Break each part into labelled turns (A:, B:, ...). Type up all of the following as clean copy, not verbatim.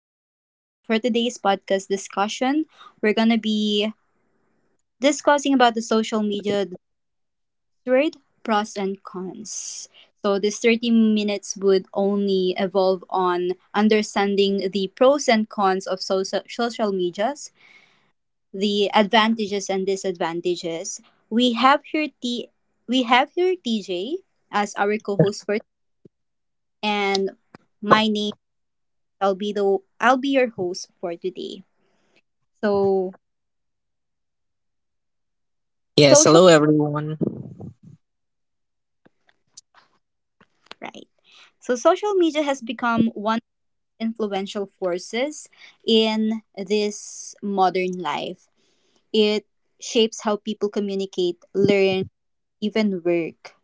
A: everyone. So, for today's podcast discussion, we're going to be discussing about the social media buzzword, pros and cons. So, this 30 minutes would only evolve on understanding the pros and cons of social medias, the advantages and disadvantages. We have here TJ as our co-host for, and my name, I'll be your host for today. So
B: Yes,
A: social,
B: hello everyone.
A: right. So social media has become one of the influential forces in this modern life. It shapes how people communicate, learn, even work.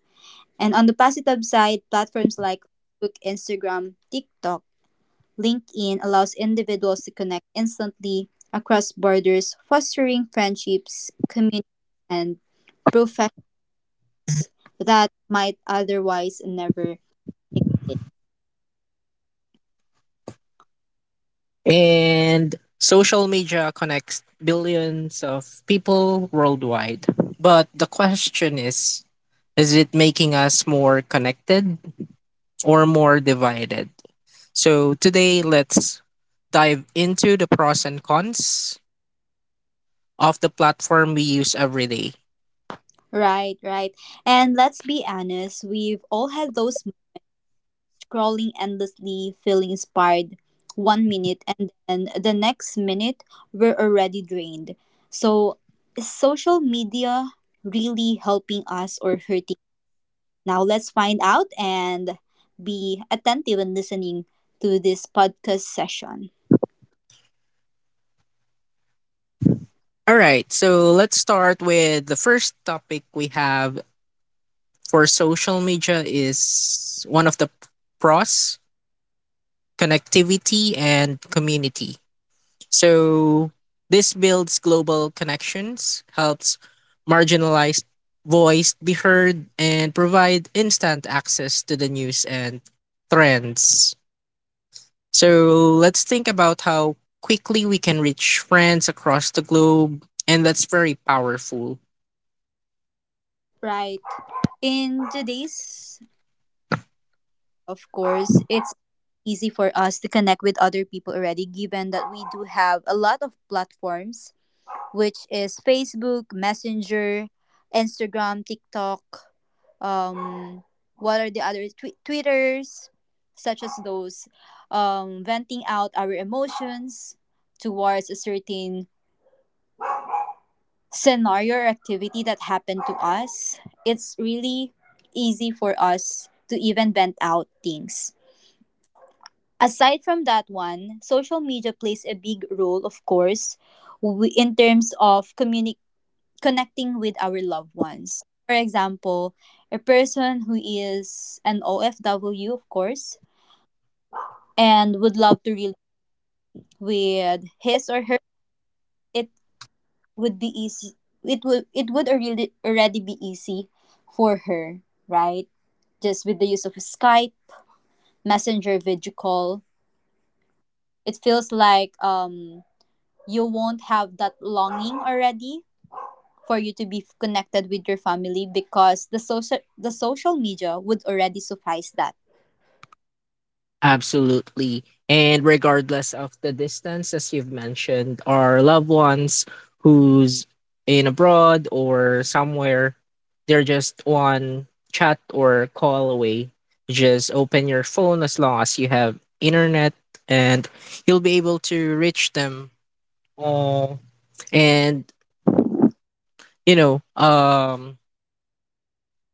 A: And on the positive side, platforms like Facebook, Instagram, TikTok, LinkedIn allows individuals to connect instantly across borders, fostering friendships, communities, and professions that might otherwise never exist.
B: And social media connects billions of people worldwide. But the question is it making us more connected or more divided? So today, let's dive into the pros and cons of the platform we use every day.
A: Right, right. And let's be honest, we've all had those moments scrolling endlessly, feeling inspired one minute, and then the next minute we're already drained. So, is social media really helping us or hurting? Now, let's find out and be attentive and listening to this podcast session.
B: All right, so let's start with the first topic we have for social media is one of the pros, connectivity and community. So this builds global connections, helps marginalized voice be heard and provide instant access to the news and trends. So let's think about how quickly we can reach friends across the globe. And that's very powerful.
A: Right. In today's, of course, it's easy for us to connect with other people already, given that we do have a lot of platforms, which is Facebook, Messenger, Instagram, TikTok. Um, what are the other Twitters, such as those, venting out our emotions towards a certain scenario or activity that happened to us. It's really easy for us to even vent out things. Aside from that one, social media plays a big role, of course, we, in terms of connecting with our loved ones. For example, a person who is an OFW, of course, and would love to relate with his or her, it would be easy. It would already be easy for her, right? Just with the use of Skype, Messenger video call, it feels like you won't have that longing already for you to be connected with your family because the social media would already suffice that.
B: Absolutely. And regardless of the distance, as you've mentioned, our loved ones who's in abroad or somewhere, they're just one chat or call away. Just open your phone as long as you have internet and you'll be able to reach them. Uh, and you know, um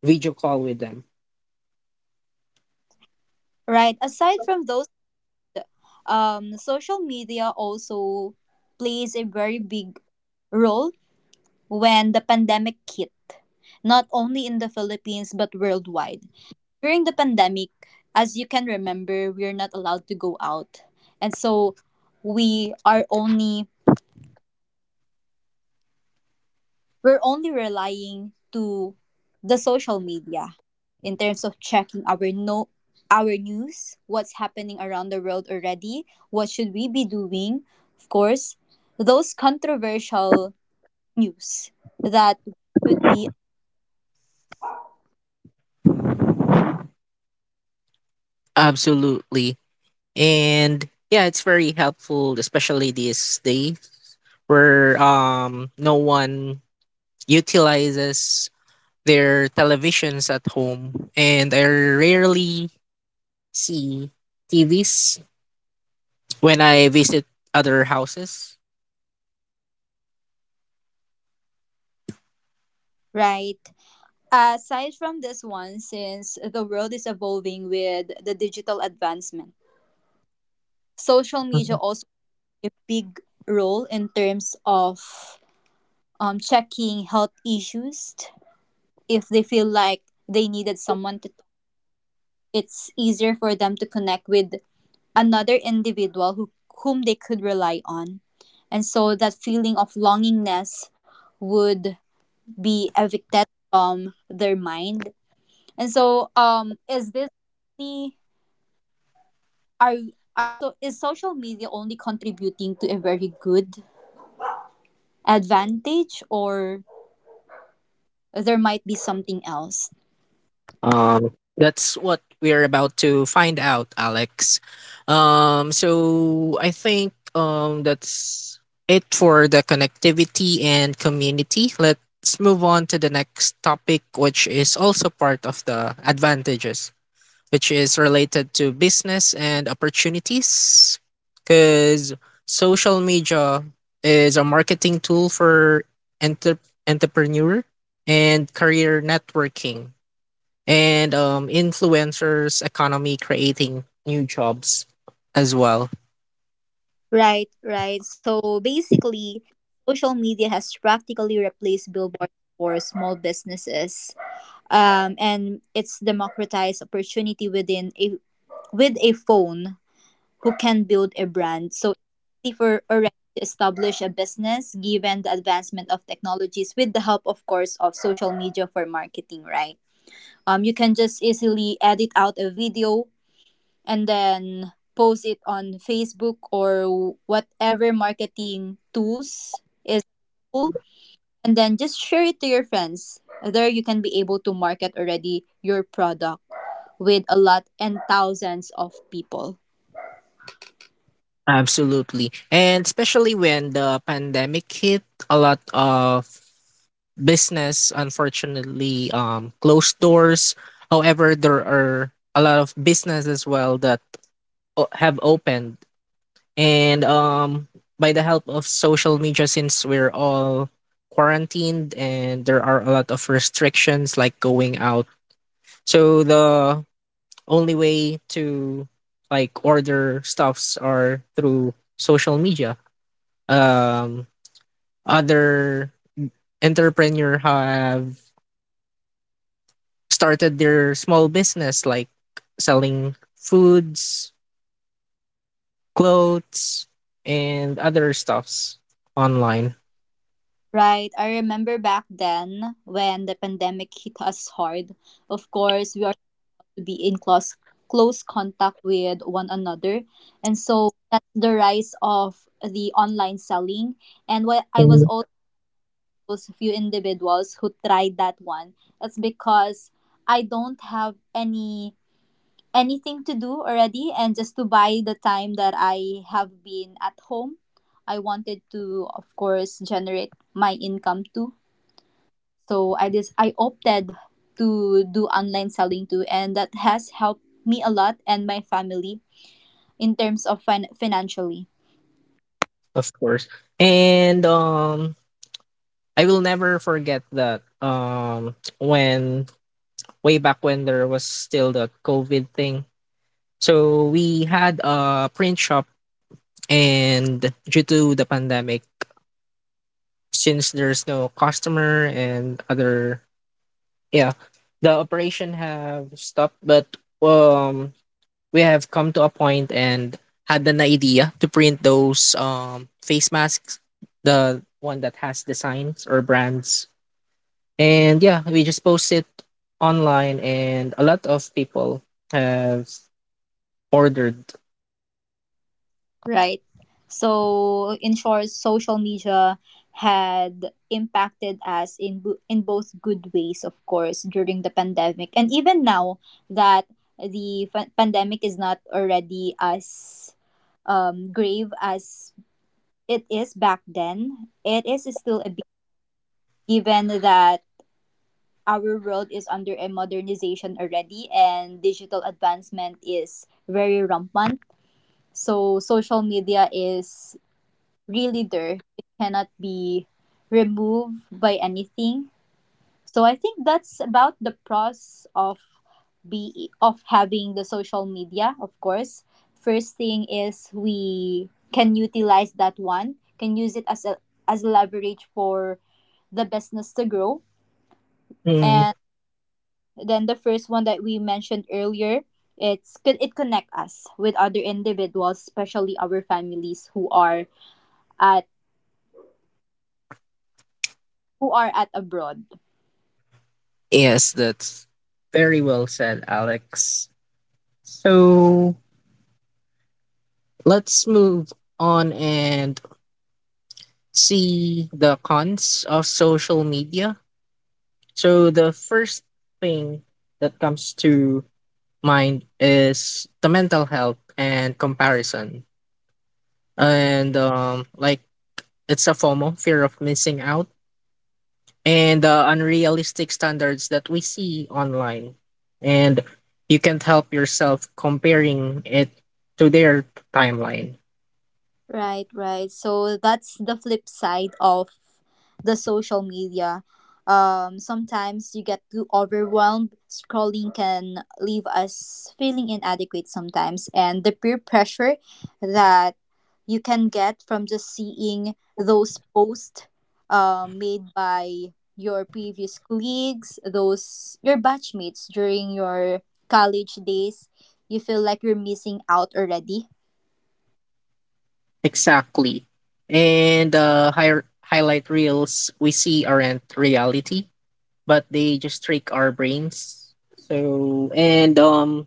B: video call with them.
A: Right, aside from those, social media also plays a very big role when the pandemic hit, not only in the Philippines but worldwide. During the pandemic, as you can remember, we're not allowed to go out, and so we are only we're only relying to the social media in terms of checking our no our news, what's happening around the world already, what should we be doing, of course, those controversial news that should be.
B: Absolutely. And yeah, it's very helpful, especially these days where no one utilizes their televisions at home and I rarely see TVs when I visit other houses.
A: Right. Aside from this one, since the world is evolving with the digital advancement, social media also play a big role in terms of checking health issues if they feel like they needed someone to talk. It's easier for them to connect with another whom they could rely on. And so that feeling of longingness would be evicted from their mind. And so is this only are are so is social media only contributing to a very good advantage, or there might be something else?
B: That's what we're about to find out, Alex. So I think that's it for the connectivity and community. Let's move on to the next topic, which is also part of the advantages, which is related to business and opportunities, because social media is a marketing tool for enter- entrepreneur and career networking and influencers economy creating new jobs as well.
A: Right, right. So basically, social media has practically replaced billboards for small businesses. And it's democratized opportunity with a phone, who can build a brand. So it's easy for already to establish a business, given the advancement of technologies, with the help of course of social media for marketing, right? You can just easily edit out a video and then post it on Facebook or whatever marketing tools is available, and then just share it to your friends. There you can be able to market already your product with a lot and thousands of people.
B: Absolutely, and especially when the pandemic hit, a lot of business unfortunately closed doors. However, there are a lot of business as well that have opened and by the help of social media, since we're all quarantined and there are a lot of restrictions like going out, so the only way to like order stuffs are through social media. Um, Other entrepreneur have started their small business like selling foods, clothes, and other stuffs online.
A: Right. I remember back then when the pandemic hit us hard. Of course, we are to be in close contact with one another. And so that's the rise of the online selling. And what I was
B: Mm.
A: also, those few individuals who tried that one, it's because I don't have anything to do already, and just to buy the time that I have been at home, I wanted to, of course, generate my income too. So I opted to do online selling too, and that has helped me a lot and my family in terms of financially.
B: Of course. And I will never forget that when way back when there was still the COVID thing. So we had a print shop. And due to the pandemic, since there's no customer and other, yeah, the operation have stopped. But um, we have come to a point and had an idea to print those face masks, the one that has designs or brands. And yeah, we just post it online, and a lot of people have ordered.
A: Right? So, in short, social media had impacted us in both good ways, of course, during the pandemic, and even now that the pandemic is not already as grave as it is back then. It is still a big, given that our world is under a modernization already and digital advancement is very rampant. So social media is really there. It cannot be removed by anything. So I think that's about the pros of be of having the social media, of course. First thing is we can utilize that one, can use it as a leverage for the business to grow.
B: Mm.
A: And then the first one that we mentioned earlier, it's co- it connect us with other individuals, especially our families at who are at abroad.
B: Yes, that's very well said, Alex. So let's move on and see the cons of social media. So, the first thing that comes to mind is the mental health and comparison. And like it's a FOMO, fear of missing out, and the unrealistic standards that we see online. And you can't help yourself comparing it to their timeline.
A: Right, right. So that's the flip side of the social media. Sometimes you get too overwhelmed. Scrolling can leave us feeling inadequate sometimes, and the peer pressure that you can get from just seeing those posts, made by your previous colleagues, those your batchmates during your college days, you feel like you're missing out already.
B: Exactly. And highlight reels we see aren't reality, but they just trick our brains. So and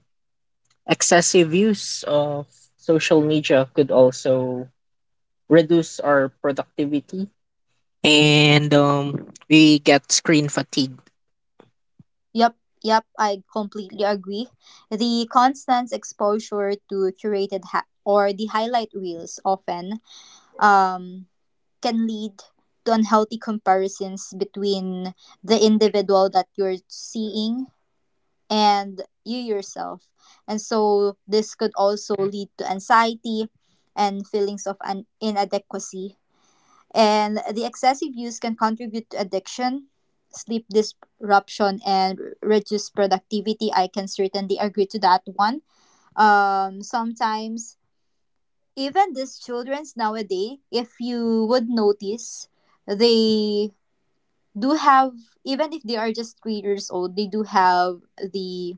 B: excessive use of social media could also reduce our productivity, and we get screen fatigue.
A: Yep, yep, I completely agree. The constant exposure to curated ha- or the highlight reels often um, can lead to unhealthy comparisons between the individual that you're seeing and you yourself. And so this could also lead to anxiety and feelings of an inadequacy, and the excessive use can contribute to addiction, sleep disruption, and reduced productivity. I can certainly agree to that one. Sometimes, even these childrens nowadays, if you would notice, they do have, even if they are just three years old, they do have the,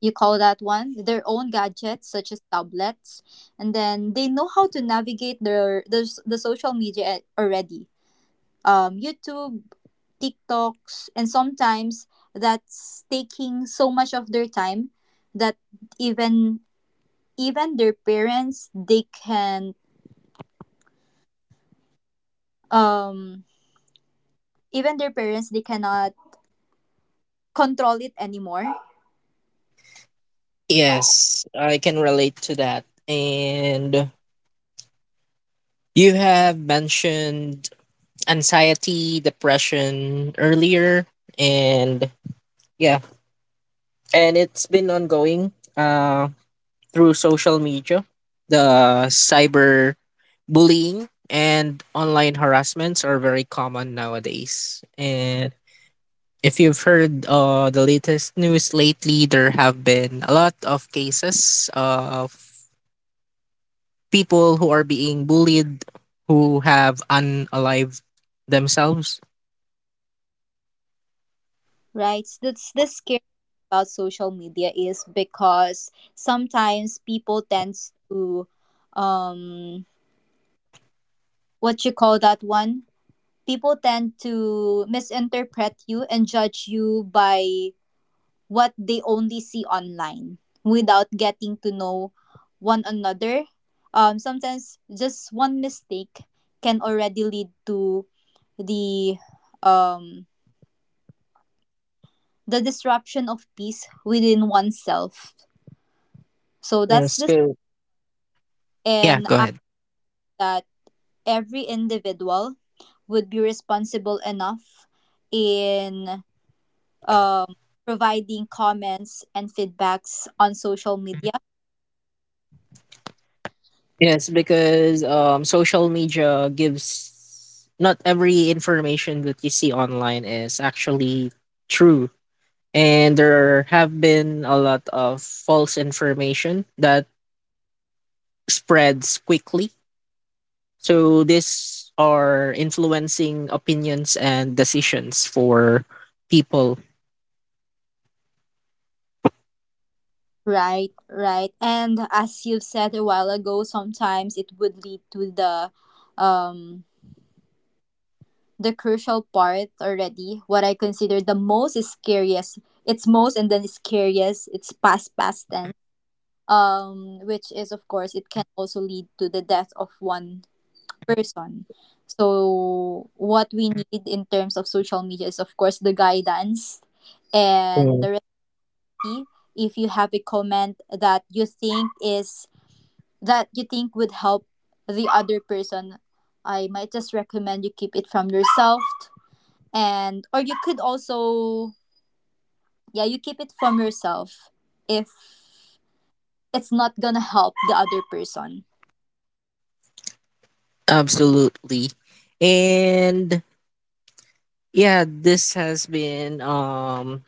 A: you call that one, their own gadgets such as tablets. And then they know how to navigate the social media already, YouTube, TikToks, and sometimes that's taking so much of their time that even even their parents they can um even their parents they cannot control it anymore.
B: Yes, I can relate to that. And you have mentioned anxiety, depression earlier, and yeah, and it's been ongoing through social media. The cyber bullying and online harassments are very common nowadays. And if you've heard the latest news lately, there have been a lot of cases of people who are being bullied who have unalived themselves.
A: Right, that's the scary thing about social media, is because sometimes people tends to um what you call that one people tend to misinterpret you and judge you by what they only see online without getting to know one another. Sometimes just one mistake can already lead to the um, the disruption of peace within oneself. So that's
B: Yes.
A: this,
B: Good. Yeah,
A: and
B: go
A: I,
B: ahead.
A: that every individual would be responsible enough in um, providing comments and feedbacks on social media.
B: Yes, because social media gives not every information that you see online is actually true. And there have been a lot of false information that spreads quickly. So these are influencing opinions and decisions for people.
A: Right, right. And as you said a while ago, sometimes it would lead to um the crucial part already. What I consider the most is scariest. It's most and then scariest. It's past past tense. Which is, of course, it can also lead to the death of one person. So what we need in terms of social media is, of course, the guidance and
B: Mm.
A: the recipe. If you have a comment that you think is that you think would help the other person, I might just recommend you keep it from yourself. And or you could also, yeah, you keep it from yourself if it's not going to help the other person.
B: Absolutely. And yeah, this has been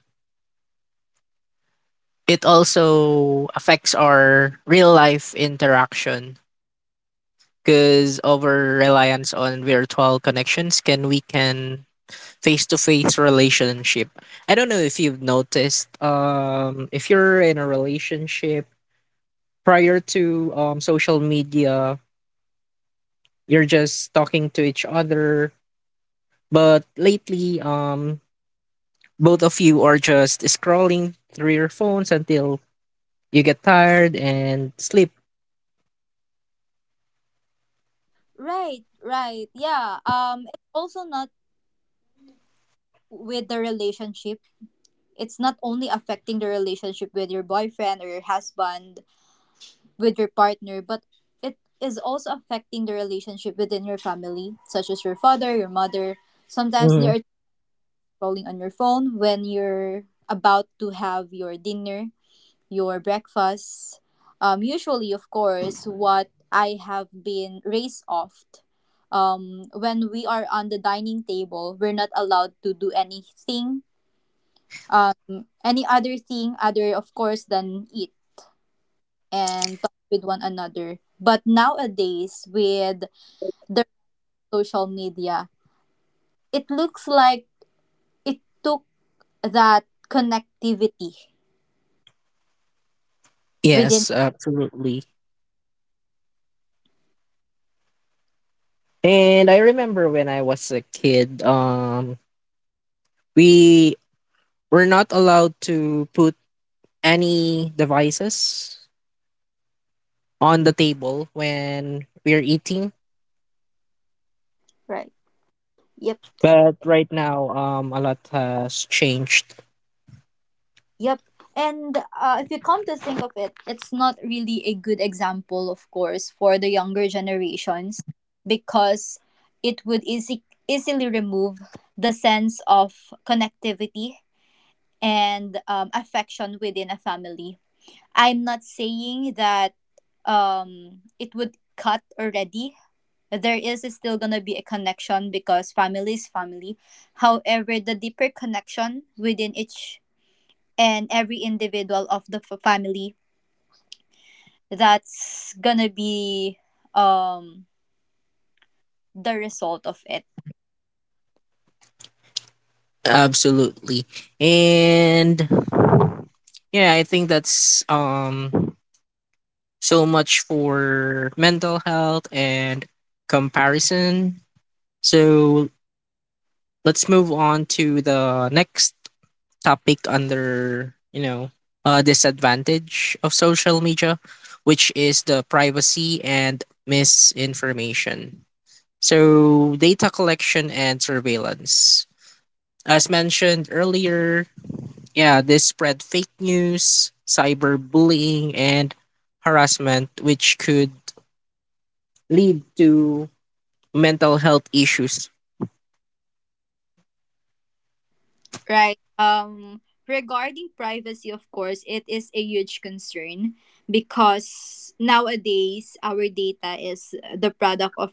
B: it also affects our real life interaction because over reliance on virtual connections can weaken face to face relationship. I don't know if you've noticed if you're in a relationship prior to social media, you're just talking to each other, but lately both of you are just scrolling through your phones until you get tired and sleep.
A: Right, right. Yeah. It's also not with the relationship. It's not only affecting the relationship with your boyfriend or your husband with your partner, but it is also affecting the relationship within your family, such as your father, your mother. Sometimes they are scrolling on your phone when you're about to have your dinner, your breakfast. Usually, of course, what I have been raised off. When we are on the dining table, we're not allowed to do anything, any other thing other, of course, than eat and talk with one another. But nowadays, with the social media, it looks like it took that connectivity within.
B: Yes, absolutely. And I remember when I was a kid, we were not allowed to put any devices on the table when we're eating.
A: Right. Yep.
B: But right now, a lot has changed.
A: Yep. And if you come to think of it, it's not really a good example, of course, for the younger generations, because it would easily remove the sense of connectivity and affection within a family. I'm not saying that it would cut already. There is still gonna be a connection because family is family. However, the deeper connection within each and every individual of the family, that's gonna be um the result of it,
B: Absolutely. And yeah, I think that's so much for mental health and comparison. So let's move on to the next topic under you know disadvantage of social media, which is the privacy and misinformation. So data collection and surveillance, as mentioned earlier, yeah, this spread fake news, cyberbullying and harassment, which could lead to mental health issues.
A: right? Regarding privacy, of course, it is a huge concern because nowadays our data is the product of,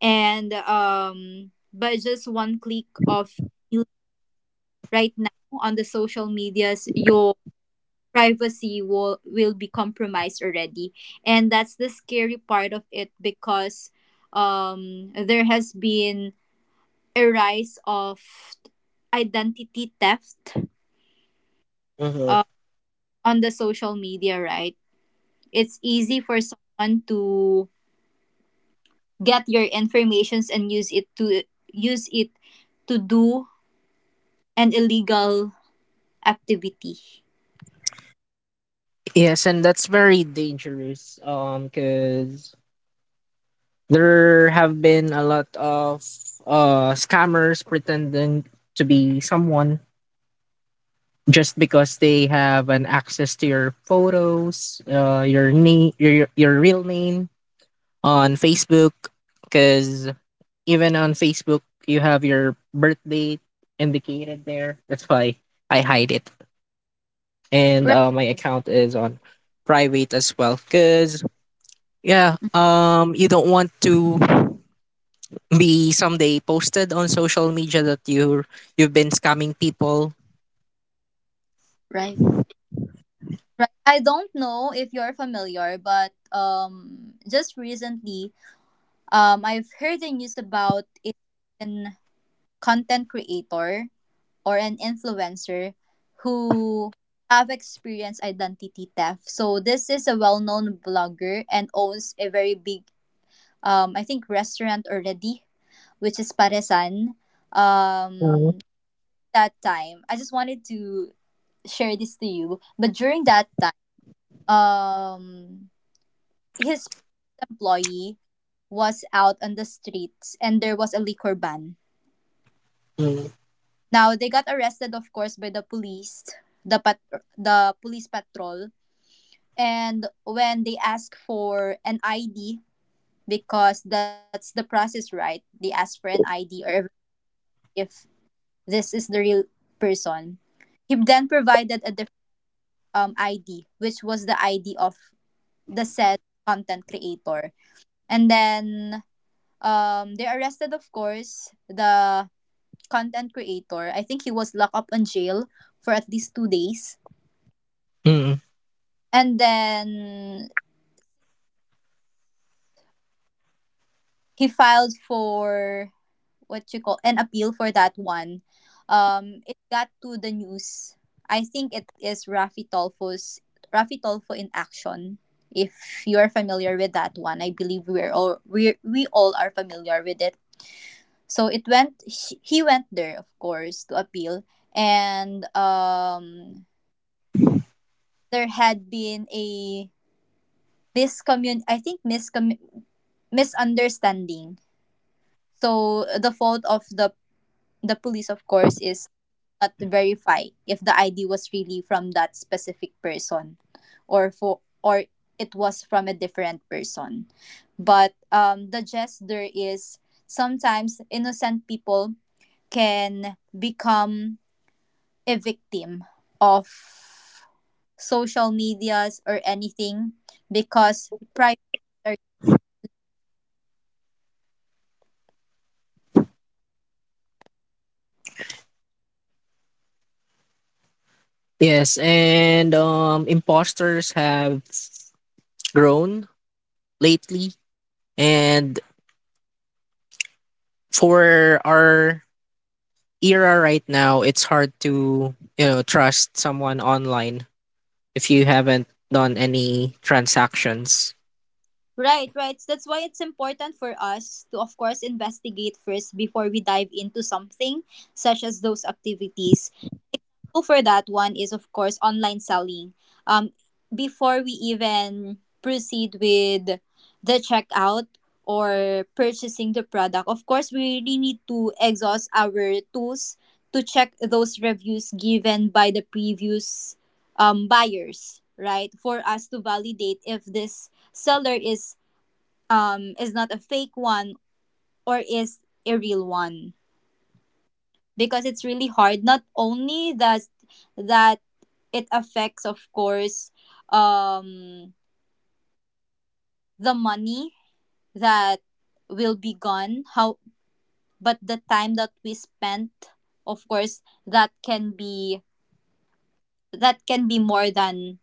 A: and by just one click of you right now on the social medias, your privacy will be compromised already. And that's the scary part of it, because there has been a rise of identity theft
B: Mhm.
A: uh, on the social media. Right, it's easy for someone to get your informations and use it to do an illegal activity.
B: Yes, and that's very dangerous because there have been a lot of scammers pretending to be someone just because they have an access to your photos, your name, your real name on Facebook. Because even on Facebook, you have your birth date indicated there. That's why I hide it, and
A: Right,
B: my account is on private as well. Because yeah, you don't want to be someday posted on social media that you've been scamming people.
A: right, right. I don't know if you're familiar, but just recently, I've heard the news about a certain content creator or an influencer who have experienced identity theft. So this is a well-known blogger and owns a very big, I think, restaurant already, which is Paresan.
B: Mm,
A: Um, that time, I just wanted to share this to you, but during that, um his employee was out on the streets and there was a liquor ban.
B: mm.
A: Now they got arrested, of course, by the police, the pat- the police patrol, and when they asked for an ID, because that's the process, right? They asked for an ID, or if this is the real person. He then provided a different, ID, which was the ID of the said content creator. And then, they arrested, of course, the content creator. I think he was locked up in jail for at least 2 days.
B: Mm.
A: And then he filed for what you call an appeal for that one. It got to the news. I think it is Rafi Tolfo in Action. If you are familiar with that one, I believe we all are familiar with it. So it went he went there, of course, to appeal, and there had been a miscommun I think miscom- misunderstanding. So the fault of the police, of course, is not to verify if the ID was really from that specific person, or it was from a different person. But the gist there is sometimes innocent people can become a victim of social medias or anything, because privacy are.
B: Yes, and imposters have grown lately, and for our era right now, it's hard to you know trust someone online if you haven't done any transactions.
A: Right, right. So that's why it's important for us to, of course, investigate first before we dive into something such as those activities. Example for that one is, of course, online selling. Um, before we even proceed with the checkout or purchasing the product, of course we really need to exhaust our tools to check those reviews given by the previous, buyers, right? For us to validate if this seller is, is not a fake one, or is a real one, because it's really hard. Not only that, that it affects, of course, um the money that will be gone, how, but the time that we spent, of course, that can be, that can be more than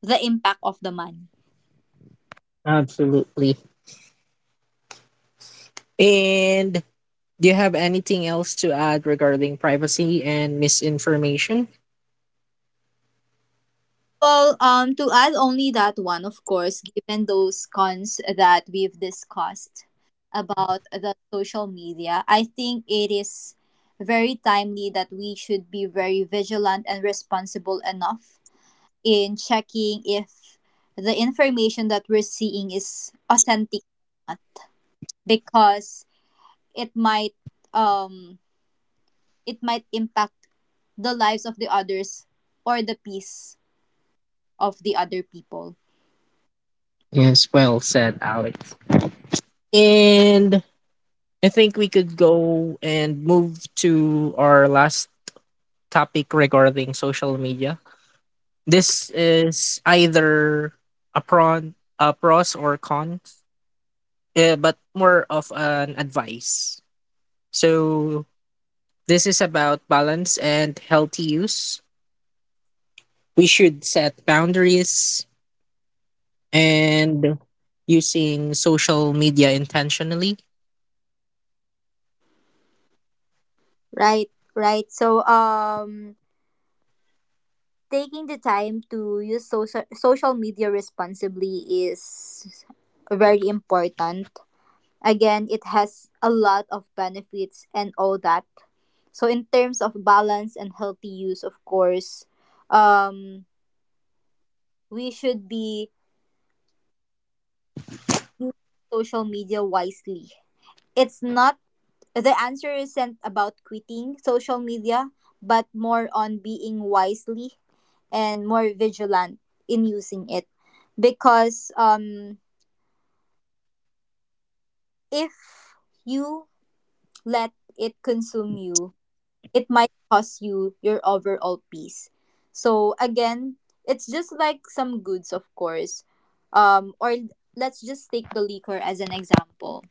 A: the impact of the money.
B: Absolutely. And do you have anything else to add regarding privacy and misinformation?
A: Well, to add only that one, of course, given those cons that we've discussed about the social media, I think it is very timely that we should be very vigilant and responsible enough in checking if the information that we're seeing is authentic or not, because it might, um it might impact the lives of the others, or the peace of the other people.
B: Yes, well said, Alex. And I think we could go and move to our last topic regarding social media. This is either a pro, a pros or cons, but more of an advice. So this is about balance and healthy use. We should set boundaries and using social media intentionally?
A: Right, right. So, taking the time to use social media responsibly is very important. Again, it has a lot of benefits and all that. So in terms of balance and healthy use, of course, um we should be using social media wisely. It's not, the answer isn't about quitting social media, but more on being wisely and more vigilant in using it, because if you let it consume you, it might cost you your overall peace. So again, it's just like some goods, of course. Or let's just take the liquor as an example.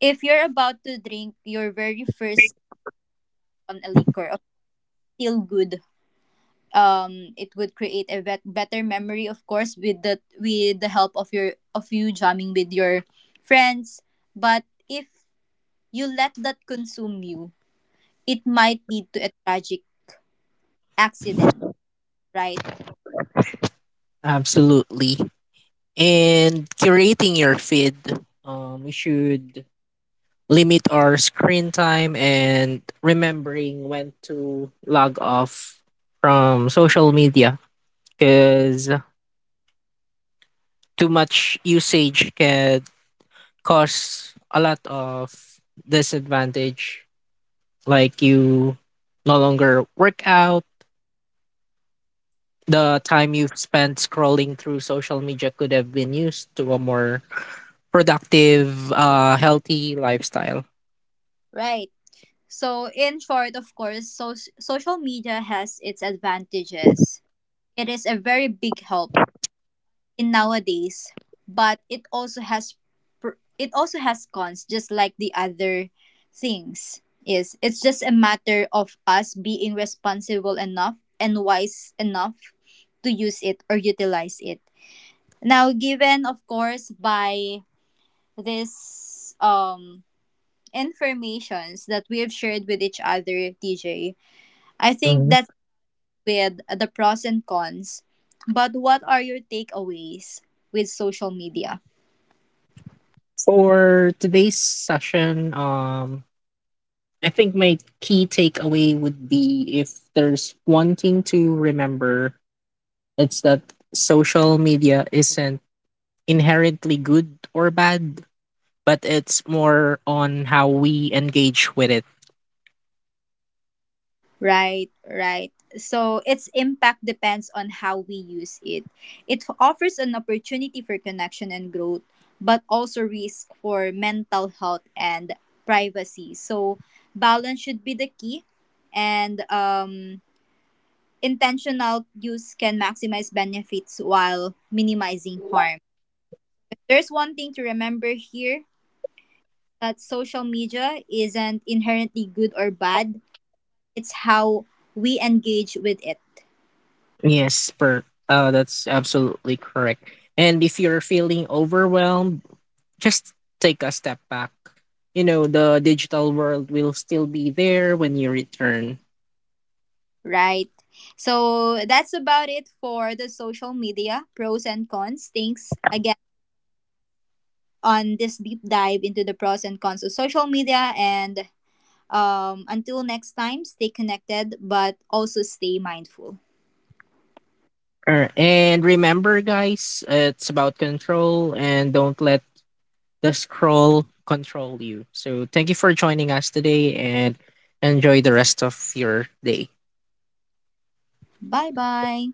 A: If you're about to drink your very first on a liquor, of still good. It would create a better memory, of course, with the help of your, of you jamming with your friends. But if you let that consume you, it might lead to a tragic accident, right?
B: Absolutely. And curating your feed. We should limit our screen time and remembering when to log off from social media because too much usage can cause a lot of disadvantage like you no longer work out. The time you've spent scrolling through social media could have been used to a more productive, healthy lifestyle.
A: Right. So, in short, of course, social media has its advantages. It is a very big help in nowadays, but it also has it also has cons, just like the other things. Is, it's just a matter of us being responsible enough and wise enough to use it or utilize it. Now, given, of course, by this informations that we have shared with each other, TJ, I think
B: Mhm.
A: that's with the pros and cons. But what are your takeaways with social media?
B: For today's session, I think my key takeaway would be if there's one thing to remember, it's that social media isn't inherently good or bad, but it's more on how we engage with it.
A: Right, right. So its impact depends on how we use it. It offers an opportunity for connection and growth, but also risk for mental health and privacy. So balance should be the key, and intentional use can maximize benefits while minimizing harm. There's one thing to remember here, that social media isn't inherently good or bad. It's how we engage with it,
B: Yes, per that's absolutely correct. And if you're feeling overwhelmed, just take a step back. You know, the digital world will still be there when you return.
A: right? So that's about it for the social media pros and cons. Thanks again on this deep dive into the pros and cons of social media. And until next time, stay connected, but also stay mindful.
B: And remember, guys, it's about control and don't let the scroll control you. So, thank you for joining us today and enjoy the rest of your day.
A: Bye bye.